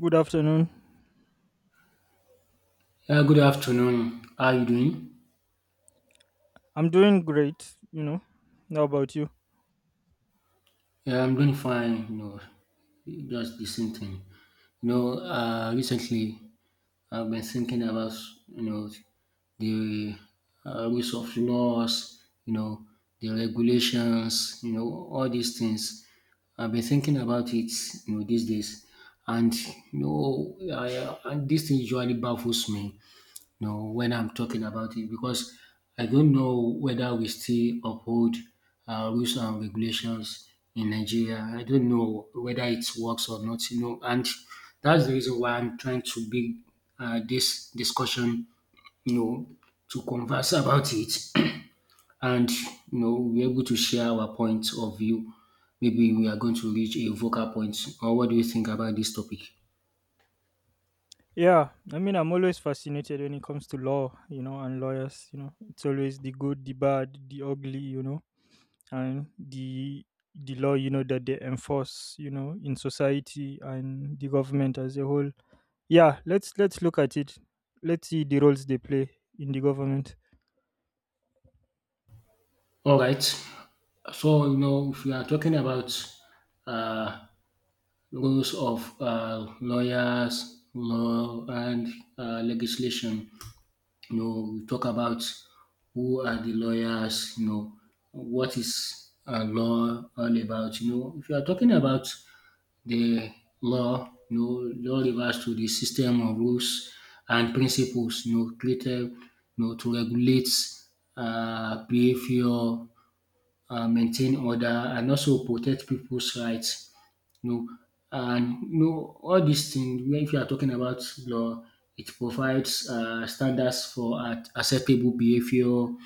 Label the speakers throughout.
Speaker 1: Good afternoon.
Speaker 2: Yeah, good afternoon. How you doing?
Speaker 1: I'm doing great, you know. How about you?
Speaker 2: Yeah, I'm doing fine. Just the same thing. Recently I've been thinking about you know the rules of laws. The regulations. All these things. I've been thinking about it. These days, and and this thing usually baffles me when I'm talking about it, because I don't know whether we still uphold rules and regulations in Nigeria. I don't know whether it works or not, and that's the reason why I'm trying to bring this discussion, you know, to converse about it and, we're able to share our points of view. Maybe we are going to reach a vocal point. Or what do you think about this topic?
Speaker 1: Yeah, I mean, I'm always fascinated when it comes to law, you know, and lawyers, you know. It's always the good, the bad, the ugly, you know, and the law, you know, that they enforce, you know, in society and the government as a whole. Yeah, let's look at it. Let's see the roles they play in the government.
Speaker 2: All right. So, if we are talking about uh, rules of lawyers, law, and legislation. We talk about who are the lawyers. What is law all about. If you are talking about the law, law refers to the system of rules and principles. Created to regulate behavior, maintain order, and also protect people's rights. You know, and you know all these things. When if you are talking about law, it provides standards for acceptable behavior. You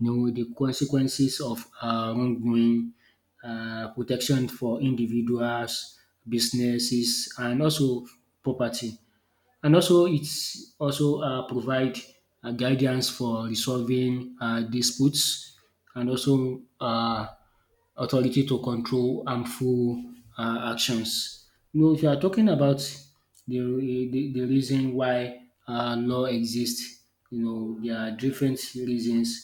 Speaker 2: know The consequences of wrongdoing, protection for individuals, businesses, and also property. And also, it's also provide guidance for resolving disputes and also authority to control harmful actions. If you are talking about the reason why law exists, there are different reasons,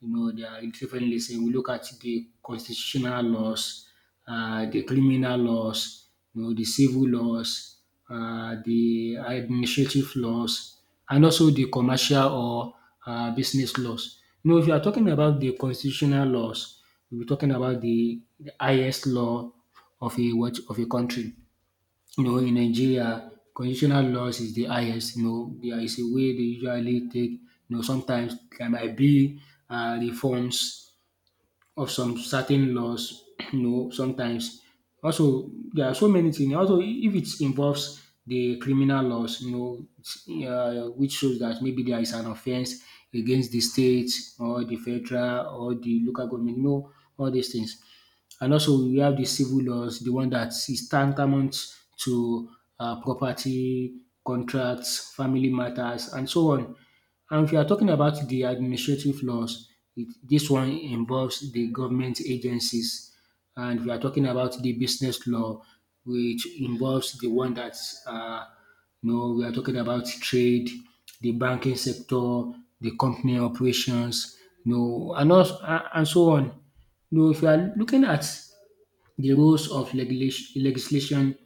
Speaker 2: they are differently saying we look at the constitutional laws, the criminal laws, the civil laws, the administrative laws, and also the commercial or business laws. If you are talking about the constitutional laws, we'll be talking about the highest law of a what of a country. In Nigeria, constitutional laws is the highest. There is a way they usually take. Sometimes there might be reforms of some certain laws. Sometimes also there are so many things. Also, if it involves the criminal laws, it's, which shows that maybe there is an offense against the state or the federal or the local government. All these things. And also we have the civil laws, the one that is tantamount to property, contracts, family matters, and so on. And if you are talking about the administrative laws, this one involves the government agencies. And we are talking about the business law, which involves the one that, uh, we are talking about trade, the banking sector, the company operations, and, also, and so on. Though if you are looking at the roles of legislation,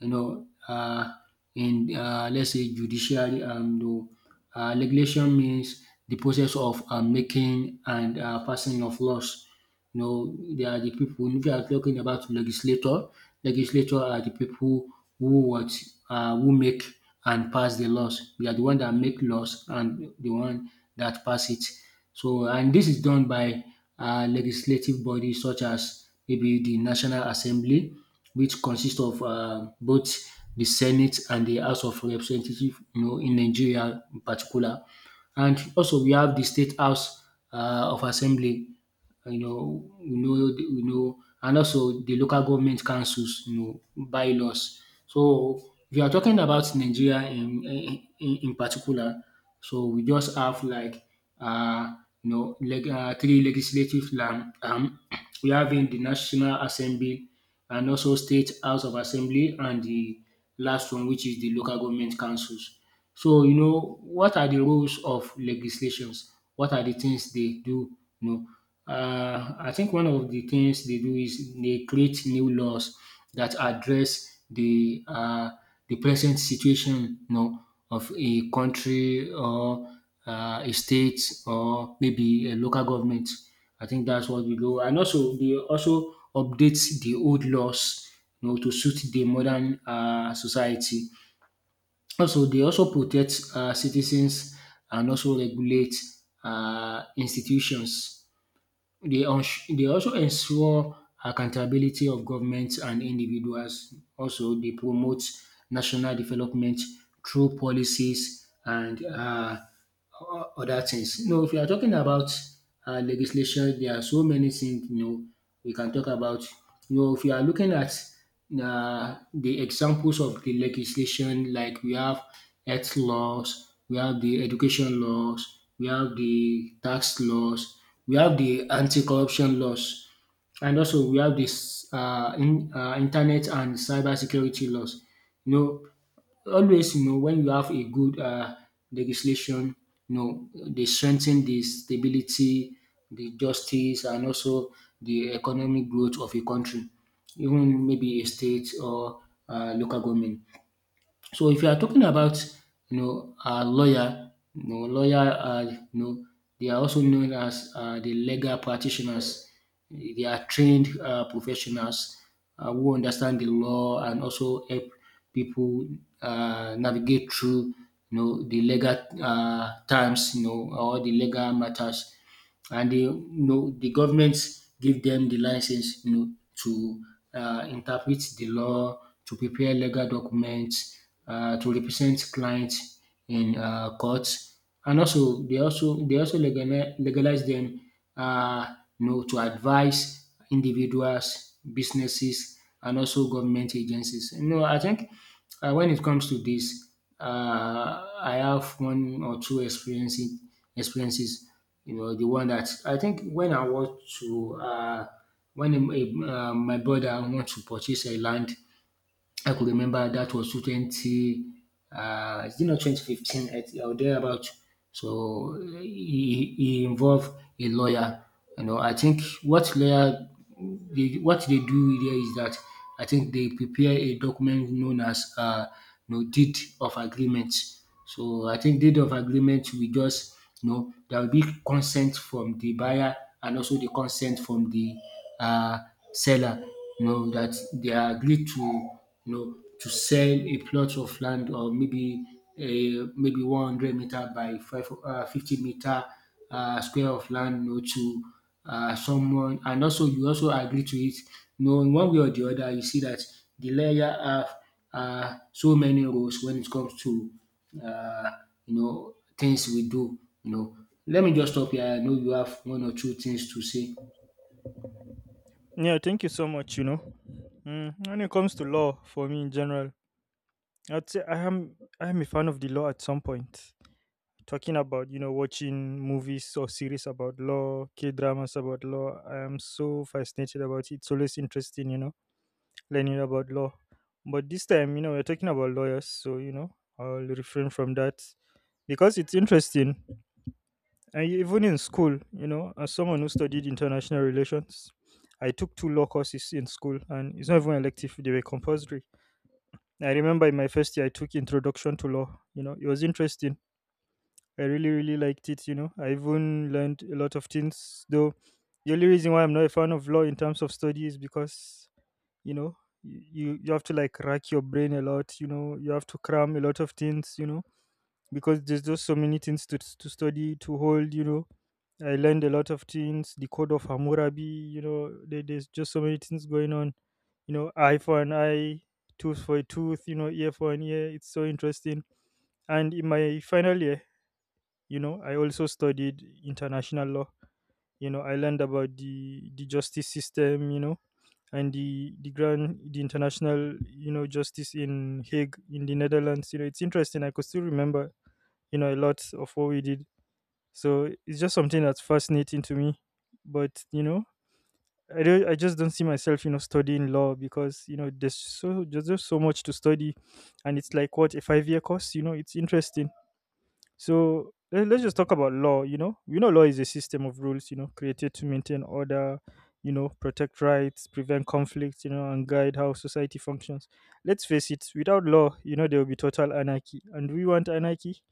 Speaker 2: you know, uh, in let's say judiciary, though, legislation means the process of making and passing of laws. They are the people. If you are talking about legislator, legislator are the people who what who make and pass the laws. They are the one that make laws and the one that pass it. So, and this is done by legislative bodies such as maybe the National Assembly, which consists of both the Senate and the House of Representatives, in Nigeria in particular. And also we have the State House of Assembly, and also the local government councils, bylaws. So if you are talking about Nigeria in particular, so we just have like uh, three legislative arm. We have in the National Assembly, and also state house of assembly, and the last one, which is the local government councils. So what are the roles of legislations? What are the things they do? You I think one of the things they do is they create new laws that address the present situation, of a country or a state or maybe a local government. I think that's what we do. And also, they also update the old laws, to suit the modern society. Also, they also protect citizens and also regulate institutions. They also ensure accountability of governments and individuals. Also, they promote national development through policies and other things. If you are talking about legislation, there are so many things we can talk about. If you are looking at the examples of the legislation, like we have health laws, we have the education laws, we have the tax laws, we have the anti-corruption laws, and also we have this internet and cybersecurity laws. You know, always when you have a good legislation, they strengthen the stability, the justice, and also the economic growth of a country, even maybe a state or local government. So if you are talking about a lawyer, lawyer are, they are also known as the legal practitioners. They are trained professionals who understand the law and also help people navigate through the legal terms, or the legal matters, and they, the government give them the license to interpret the law, to prepare legal documents, to represent clients in courts, and also they also legalize, legalize them, to advise individuals, businesses, and also government agencies. I think when it comes to this, I have one or two experiences. The one that I think, when I want to, when a, my brother want to purchase a land, I could remember that was 20, it's not 2015 or thereabout. So he involved a lawyer. I think what lawyer, what they do there is that I think they prepare a document known as deed of agreement. So I think deed of agreement we just, there will be consent from the buyer and also the consent from the uh, seller, that they agree to, to sell a plot of land, or maybe a maybe 100-meter by five, 50 meter square of land, to someone, and also you also agree to it. In one way or the other, you see that the lawyer have so many roles when it comes to uh, things we do. Let me just stop here. I know you have one or two things to say.
Speaker 1: Yeah, thank you so much. You know, mm, when it comes to law, for me in general, I'd say I am a fan of the law at some point. Talking about, you know, watching movies or series about law, K dramas about law, I am so fascinated about it. It's always interesting, you know, learning about law. But this time, you know, we're talking about lawyers, so, you know, I'll refrain from that because it's interesting. Even in school, you know, as someone who studied international relations, I took two law courses in school, and it's not even elective; they were compulsory. I remember in my first year, I took Introduction to Law. You know, it was interesting. I really, really liked it. You know, I even learned a lot of things. Though the only reason why I'm not a fan of law in terms of study is because, you know, you have to like rack your brain a lot, you know. You have to cram a lot of things, you know, because there's just so many things to study, to hold, you know. I learned a lot of things. The Code of Hammurabi, you know, there's just so many things going on, you know. Eye for an eye, tooth for a tooth, you know, ear for an ear. It's so interesting. And in my final year, you know, I also studied international law. You know, I learned about the justice system, you know, and the international, you know, justice in Hague in the Netherlands. You know, it's interesting. I could still remember, you know, a lot of what we did. So it's just something that's fascinating to me. But, you know, I just don't see myself, you know, studying law because, you know, there's just so much to study. And it's like what, a 5-year course? You know, it's interesting. So let's just talk about law. You know, we know law is a system of rules, you know, created to maintain order, you know, protect rights, prevent conflicts, you know, and guide how society functions. Let's face it, without law, you know, there will be total anarchy. And do we want anarchy?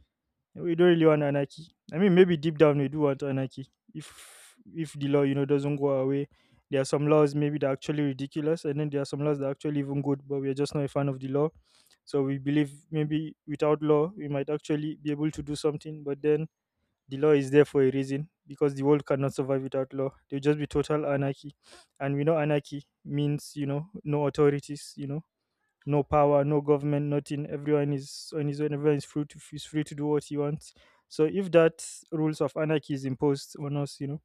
Speaker 1: We don't really want anarchy. I mean, maybe deep down we do want anarchy. If the law, you know, doesn't go our way, there are some laws maybe that are actually ridiculous, and then there are some laws that are actually even good, but we are just not a fan of the law. So we believe maybe without law, we might actually be able to do something. But then the law is there for a reason, because the world cannot survive without law. There'll just be total anarchy, and we know anarchy means, you know, no authorities, you know, no power, no government, nothing. Everyone is on his own. Everyone is free to do what he wants. So if that rules of anarchy is imposed on us, you know,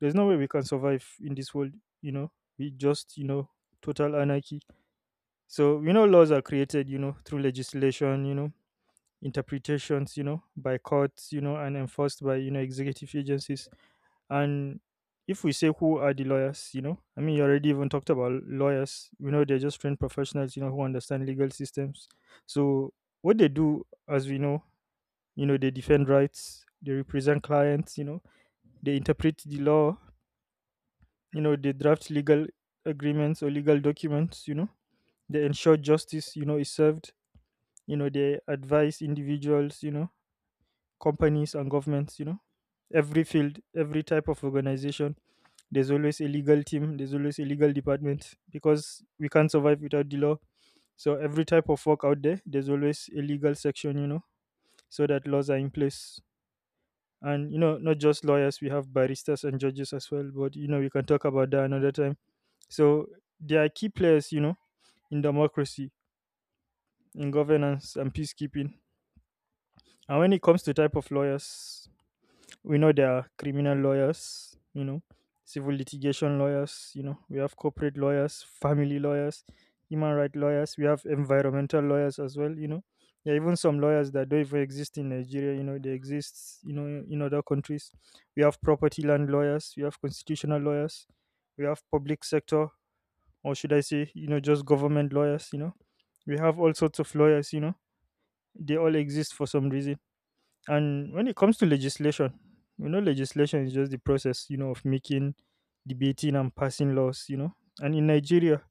Speaker 1: there's no way we can survive in this world. You know, we just, you know, total anarchy. So we know laws are created, you know, through legislation, you know, interpretations, you know, by courts, you know, and enforced by, you know, executive agencies. And if we say who are the lawyers, you know, I mean, you already even talked about lawyers. You know, they're just trained professionals, you know, who understand legal systems. So what they do, as we know, you know, they defend rights, they represent clients, you know, they interpret the law, you know, they draft legal agreements or legal documents, you know, they ensure justice, you know, is served, you know, they advise individuals, you know, companies and governments, you know, every field, every type of organization. There's always a legal team, there's always a legal department because we can't survive without the law. So every type of work out there, there's always a legal section, you know, so that laws are in place. And, you know, not just lawyers, we have baristas and judges as well. But, you know, we can talk about that another time. So they are key players, you know, in democracy, in governance and peacekeeping. And when it comes to type of lawyers, we know there are criminal lawyers, you know, civil litigation lawyers, you know, we have corporate lawyers, family lawyers, human rights lawyers, we have environmental lawyers as well, you know. There are even some lawyers that don't even exist in Nigeria, you know. They exist, you know, in other countries. We have property land lawyers, we have constitutional lawyers, we have public sector, or should I say, you know, just government lawyers, you know. We have all sorts of lawyers, you know. They all exist for some reason. And when it comes to legislation, you know, legislation is just the process, you know, of making, debating, and passing laws, you know. And in Nigeria,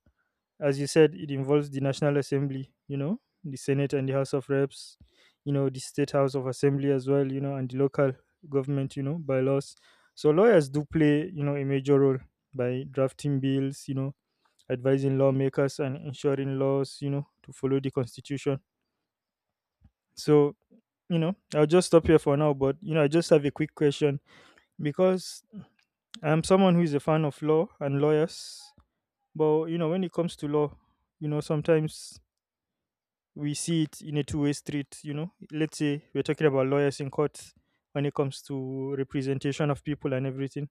Speaker 1: as you said, it involves the National Assembly, you know, the Senate and the House of Reps, you know, the State House of Assembly as well, you know, and the local government, you know, bylaws. So lawyers do play, you know, a major role by drafting bills, you know, advising lawmakers and ensuring laws, you know, to follow the Constitution. So, you know, I'll just stop here for now. But, you know, I just have a quick question because I'm someone who is a fan of law and lawyers. But, you know, when it comes to law, you know, sometimes we see it in a two-way street. You know, let's say we're talking about lawyers in court. When it comes to representation of people and everything,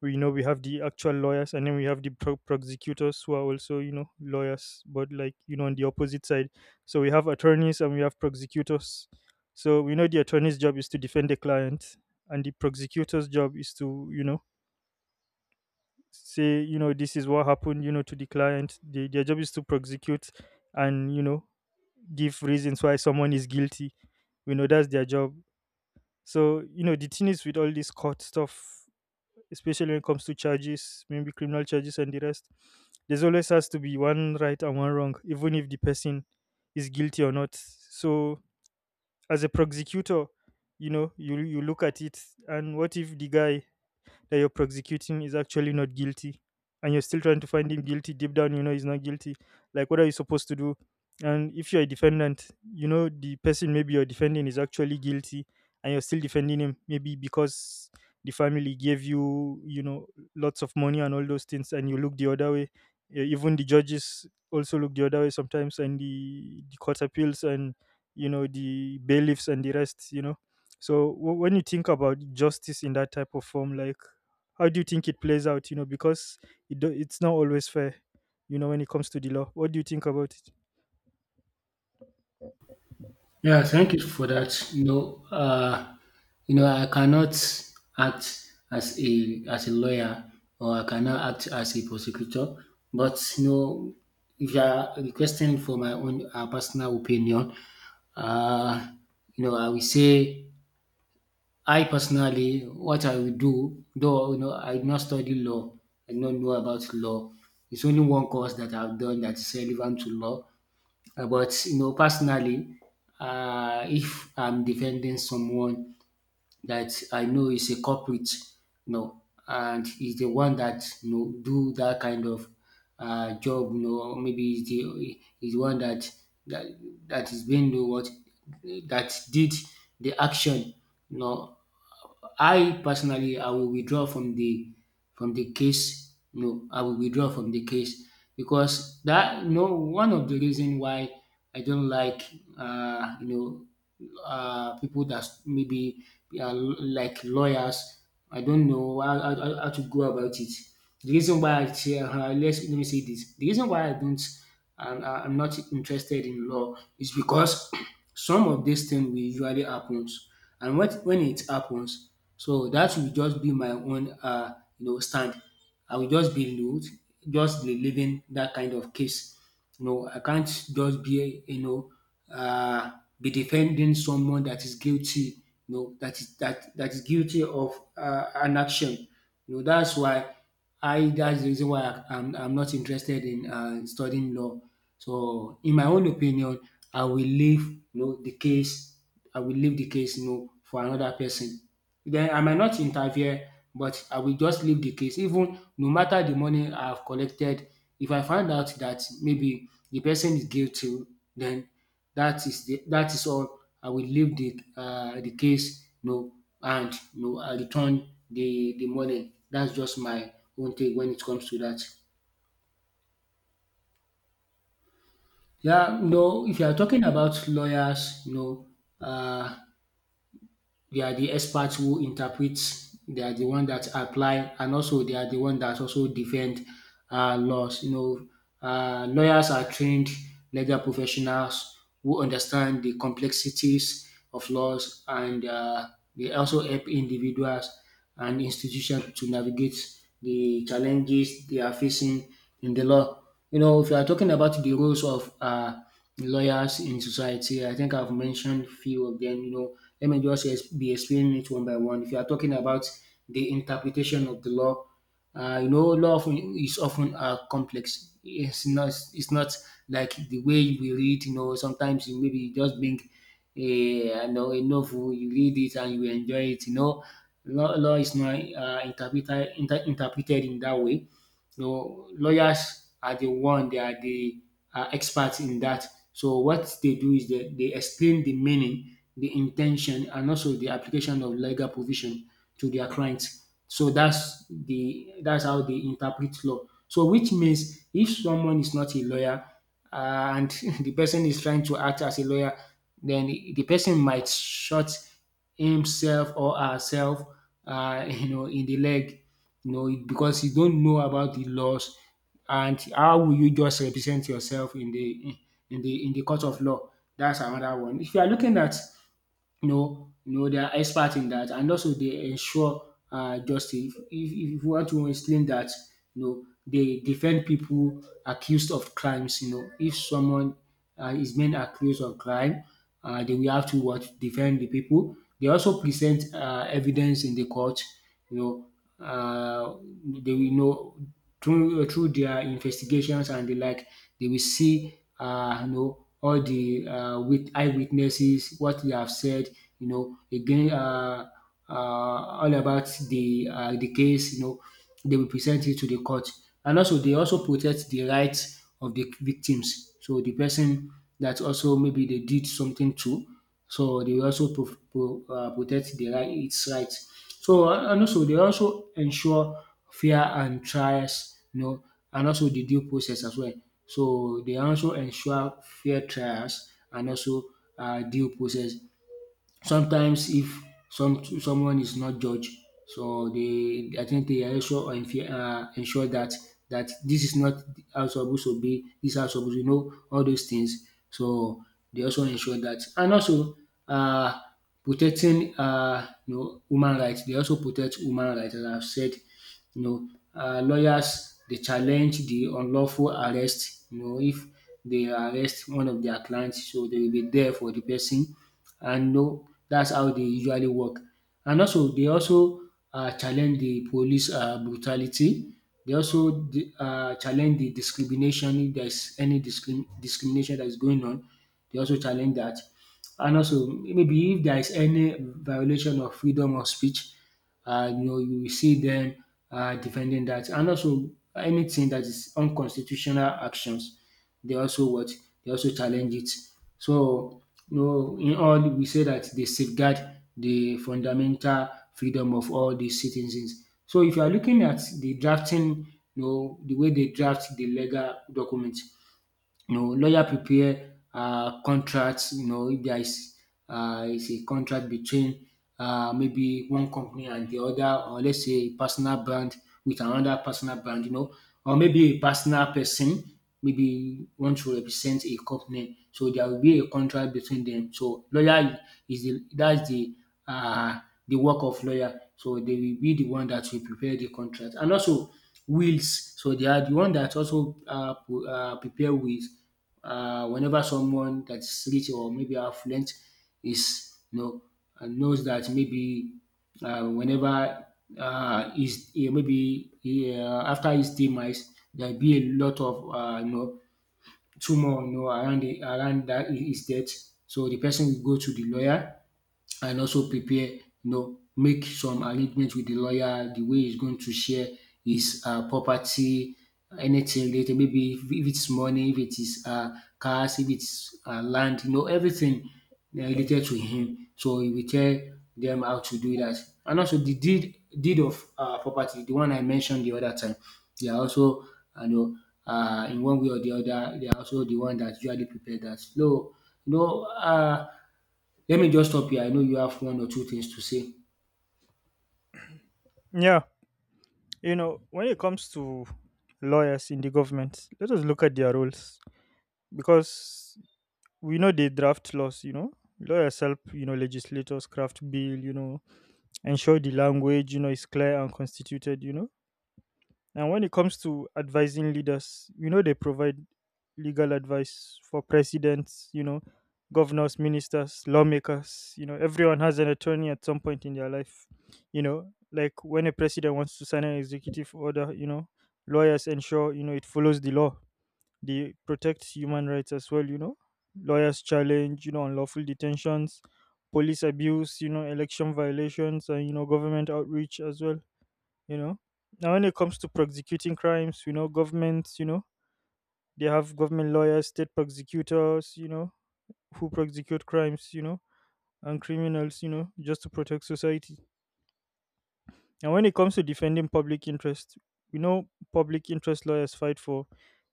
Speaker 1: we know we have the actual lawyers, and then we have the prosecutors who are also, you know, lawyers, but like, you know, on the opposite side. So we have attorneys and we have prosecutors. So we know the attorney's job is to defend the client, and the prosecutor's job is to, you know, say, you know, this is what happened, you know, to their job is to prosecute. And, you know, give reasons why someone is guilty. We know that's their job. So, you know, the thing is with all this court stuff, especially when it comes to charges, maybe criminal charges and the rest. There's always has to be one right and one wrong, even if the person is guilty or not. So as a prosecutor, you know, you look at it, and what if the guy that you're prosecuting is actually not guilty and you're still trying to find him guilty? Deep down, you know, he's not guilty. Like, what are you supposed to do? And if you're a defendant, you know, the person maybe you're defending is actually guilty, and you're still defending him, maybe because the family gave you, you know, lots of money and all those things, and you look the other way. Even the judges also look the other way sometimes, and the court appeals and, you know, the bailiffs and the rest, you know. So when you think about justice in that type of form, like, how do you think it plays out? You know, because it's not always fair. You know, when it comes to the law, what do you think about it?
Speaker 2: Yeah, thank you for that. I cannot act as a lawyer, or I cannot act as a prosecutor, but if you are requesting for my own personal opinion, uh, I will say I personally, what I will do, though I did not study law, I do not know about law. It's only one course that I've done that is relevant to law. But personally, if I'm defending someone that I know is a culprit, you know, and is the one that do that kind of job, maybe is the one that that that is being the what, that did the action, you know, I personally I will withdraw from the case. No, I will withdraw from the case, because that, one of the reason why I don't like people that maybe are like lawyers. I don't know how to go about it. The reason why I say, let's, let me say this. The reason why I don't, and I'm not interested in law is because some of these things will usually happens, and when it happens, so that will just be my own, stand. I will just be rude, just be living that kind of case. I can't just be, uh, be defending someone that is guilty, that is guilty of an action, that's why I that's the reason why I'm not interested in studying law. So in my own opinion, I will leave, the case, I will leave the case, for another person. Then I might not interfere, but I will just leave the case. Even no matter the money I have collected, if I find out that maybe the person is guilty, then that is all. I will leave the case. And I return the money. That's just my own take when it comes to that. Yeah, no, if you are talking about lawyers, um they are the experts who interpret. They are the one that apply, and also they are the one that also defend laws. Lawyers are trained legal professionals who understand the complexities of laws, and they also help individuals and institutions to navigate the challenges they are facing in the law. You know, if you are talking about the roles of lawyers in society, I think I've mentioned few of them. Let me just be explaining it one by one. If you are talking about the interpretation of the law, law often is often complex. It's not like the way we read. You know, sometimes you maybe just bring a a novel, you read it and you enjoy it. Law is not interpreted in that way. So lawyers are the one, they are the experts in that. So what they do is, they explain the meaning, the intention, and also the application of legal provision to their clients. So that's how they interpret law. So which means if someone is not a lawyer, and the person is trying to act as a lawyer, then the person might shot himself or herself, in the leg, because you don't know about the laws, and how will you just represent yourself in the court of law? That's another one. If you are looking at, no, no, they are expert in that, and also they ensure justice. If you want to explain that, they defend people accused of crimes. You know, if someone is being accused of crime, they will have to what defend the people. They also present evidence in the court you know, uh, they will know through their investigations and the like. They will see all the with eyewitnesses, what they have said, again, all about the case, they will present it to the court. And also they also protect the rights of the victims. So the person that also maybe they did something to, so they also protect the right its rights. So and also they also ensure fair and trials, and also the due process as well. So they also ensure fair trials and also due process. Sometimes, if someone is not judged, so they, I think, they are also ensure that, this is not how it's supposed to be, this is how it's supposed to. All those things. So they also ensure that, and also uh protecting, human rights. They also protect human rights, as I've said. you know lawyers, they challenge the unlawful arrest. If they arrest one of their clients, so they will be there for the person. And no, that's how they usually work. And also, they also challenge the police brutality. They also challenge the discrimination if there's any discrimination that is going on. They also challenge that. And also, maybe if there is any violation of freedom of speech, you will see them defending that. And also, anything that is unconstitutional actions, they also what, they also challenge it. So, in all, we say that they safeguard the fundamental freedom of all the citizens. So, if you are looking at the drafting, the way they draft the legal document, lawyer prepare contracts. You know, if there is a contract between, maybe one company and the other, or let's say a personal brand with another personal brand, or maybe a personal person maybe want to represent a company, so there will be a contract between them. So lawyer is the that's uh, the work of lawyer. So they will be the one that will prepare the contract, and also wheels. So they are the one that also prepare wheels whenever someone that's rich or maybe affluent is, knows that maybe, whenever is eh, maybe eh, after his demise there'll be a lot of tumor around around that his death. So the person will go to the lawyer and also prepare, make some arrangement with the lawyer, the way he's going to share his property, anything related, maybe if it's money, if it is cars, if it's land, everything related to him. So he will tell them how to do that. And also the deed of property, the one I mentioned the other time, they are also, you know, in one way or the other, they are also the one that usually prepare that. So, you know, uh, let me just stop here. I know you have one or two things to say.
Speaker 1: Yeah, you know, when it comes to lawyers in the government, let us look at their roles because we know they draft laws. You know, lawyers help, you know, legislators craft bill. You know, ensure the language, you know, is clear and constituted, you know. And when it comes to advising leaders, you know, they provide legal advice for presidents, you know, governors, ministers, lawmakers, you know. Everyone has an attorney at some point in their life, you know, like when a president wants to sign an executive order, you know, lawyers ensure, you know, it follows the law. They protect human rights as well, you know. Lawyers challenge, you know, unlawful detentions, police abuse, you know, election violations, and, you know, government outreach as well, you know. Now, when it comes to prosecuting crimes, you know, governments, you know, they have government lawyers, state prosecutors, you know, who prosecute crimes, you know, and criminals, you know, just to protect society. And when it comes to defending public interest, we know, public interest lawyers fight for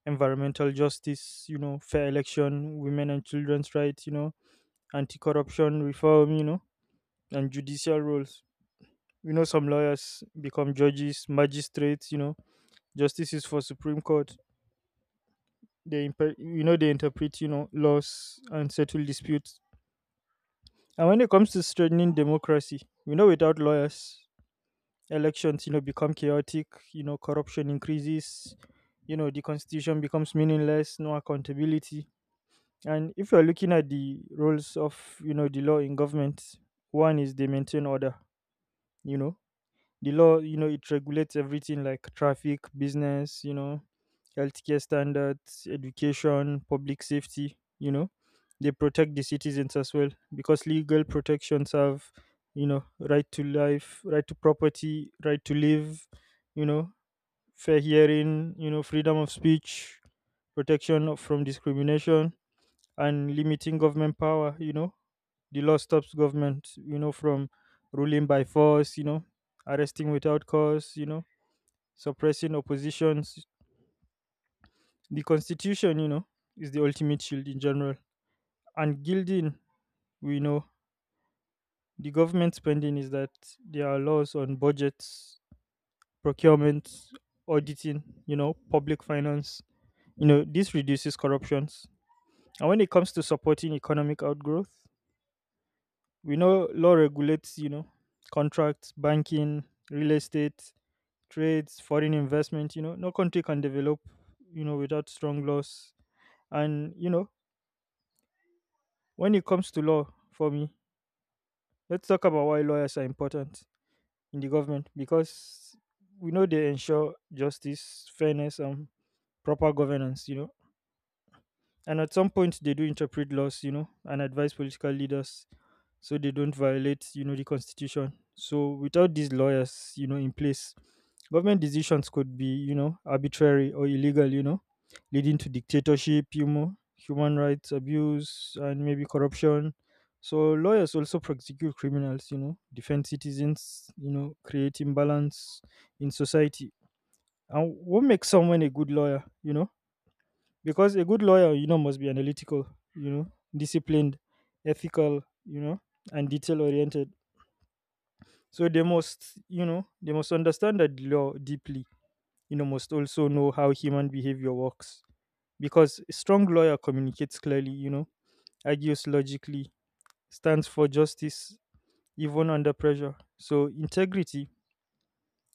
Speaker 1: environmental justice, fair election, women and children's rights, anti corruption reform, and judicial roles. Some lawyers become judges, magistrates, justices for Supreme Court. They interpret laws and settle disputes. And when it comes to strengthening democracy, without lawyers, elections become chaotic. Corruption increases. The constitution becomes meaningless. No accountability. And if you're looking at the roles of the law in government, one is they maintain order you know the law it regulates everything like traffic, business, healthcare standards, education, public safety. They protect the citizens as well because legal protections have right to life, right to property, right to live you know fair hearing, freedom of speech, protection from discrimination, and limiting government power. The law stops government from ruling by force, arresting without cause, suppressing oppositions. The constitution is the ultimate shield in general. And gilding, we know, the government spending is that there are laws on budgets, procurement, auditing, public finance. This reduces corruptions. And when it comes to supporting economic outgrowth, we know law regulates contracts, banking, real estate, trades, foreign investment. No country can develop, without strong laws. And when it comes to law, for me, let's talk about why lawyers are important in the government because we know they ensure justice, fairness, and proper governance. And at some point they do interpret laws. And advise political leaders so they don't violate the constitution. So without these lawyers, in place, government decisions could be arbitrary or illegal, leading to dictatorship, human rights abuse, and maybe corruption. So lawyers also prosecute criminals, defend citizens, create imbalance in society. And what makes someone a good lawyer? Because a good lawyer must be analytical, you know, disciplined, ethical, and detail oriented. So they must understand the law deeply. Must also know how human behavior works because a strong lawyer communicates clearly, argues logically, stands for justice even under pressure. So integrity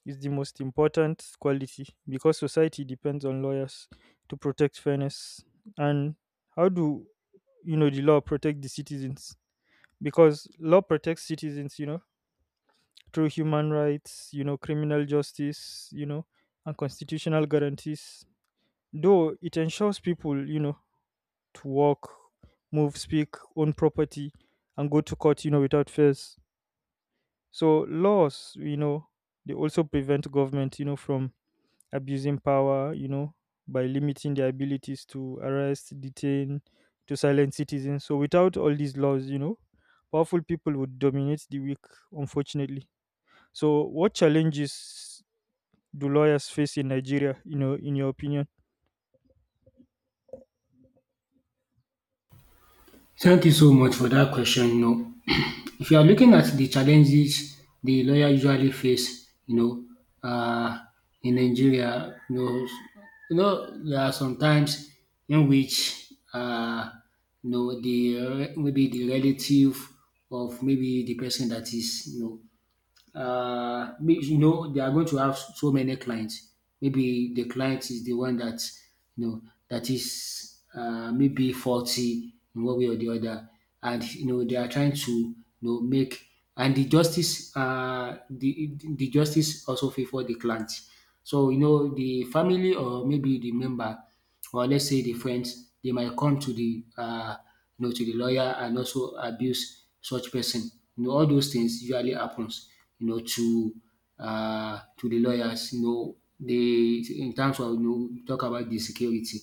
Speaker 1: is the most important quality because society depends on lawyers to protect fairness. And how do you know the law protect the citizens? Because law protects citizens through human rights, criminal justice, and constitutional guarantees. Though it ensures people to walk, move, speak, own property, and go to court, without fears. So laws they also prevent government from abusing power, by limiting their abilities to arrest, detain, to silence citizens. So without all these laws, powerful people would dominate the weak, unfortunately. So what challenges do lawyers face in Nigeria, in your opinion?
Speaker 2: Thank you so much for that question. If you are looking at the challenges the lawyer usually face, uh, in Nigeria, there are some times in which, the maybe the relative of maybe the person that is, means, they are going to have so many clients. Maybe the client is the one that, you know that is maybe faulty in one way or the other, and they are trying to, make, and the justice, the justice also favor the client. So the family, or maybe the member, or let's say the friends, they might come to the to the lawyer and also abuse such person. All those things usually happens, you know to to the lawyers. They, in terms of, talk about the security.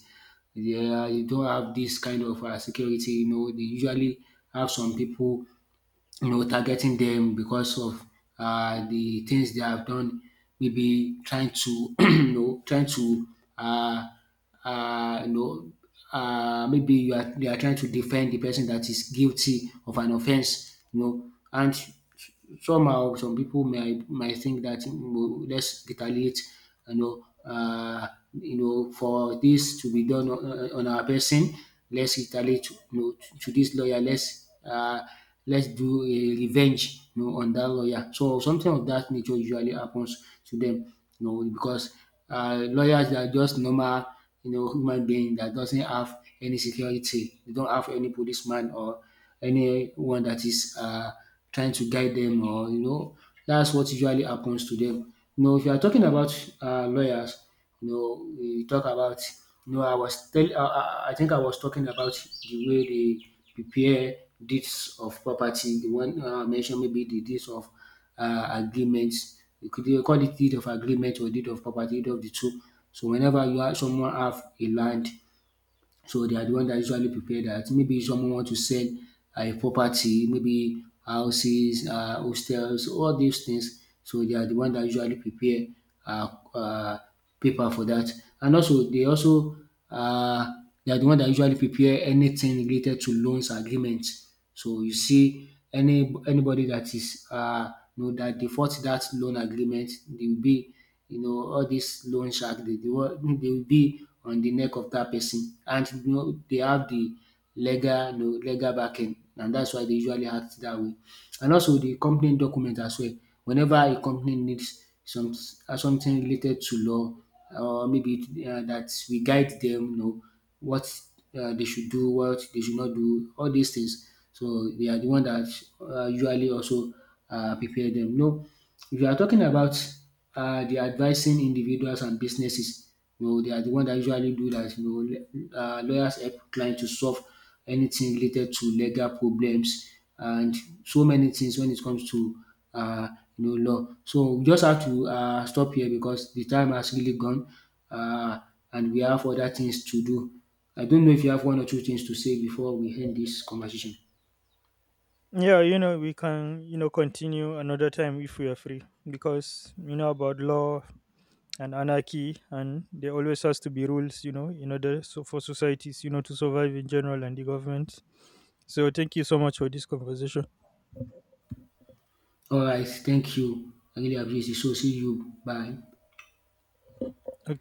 Speaker 2: They are, you don't have this kind of security. They usually have some people, targeting them because of the things they have done, maybe trying to, trying to, uh, uh, you know, maybe you are, they are trying to defend the person that is guilty of an offense, and somehow some people might think dat, let's retaliate, you know um for this to be done on, on our person. Let's retaliate, to this lawyer, let's, let's do a revenge on that lawyer. So something of that nature usually happens to them. Because lawyers are just normal, human being that doesn't have any security. They don't have any policeman or anyone that is trying to guide them, or that's what usually happens to them. If you are talking about lawyers, we talk about, I was tell, I think I was talking about the way they prepare deeds of property. The one I mentioned, maybe the deeds of agreements. You could, you call it deed of agreement or deed of property, deed of the two. So whenever you have someone have a land, so they are the one that usually prepare that. Maybe someone want to sell a property, maybe houses, hostels, all these things. So they are the one that usually prepare uh, uh, paper for that. And also uh, they are the one that usually prepare anything related to loans agreement. So you see anybody that is that default that loan agreement, they will be, all dis loan shark, dey will be on the neck of dat person, and they have the legal, legal backing, and dats why dey usually act dat way. And also the company document as well. Whenever a company needs some something related to law, or maybe that we guide them, what, they should do, what they should not do, all these things. So we are the one that usually also prepare them. No, if you are talking about the advising individuals and businesses, they are the one that usually do that. Lawyers help clients to solve anything related to legal problems and so many things when it comes to law. So we just have to stop here because the time has really gone, um and we have other things to do. I don't know if you have one or two things to say before we end this conversation.
Speaker 1: Yeah, we can continue another time if we are free because you know about law and anarchy, and there always has to be rules, in order so for societies, to survive in general and the government. So thank you so much for this conversation.
Speaker 2: Alright, thank you. I really appreciate it. So see you. Bye.
Speaker 1: Okay.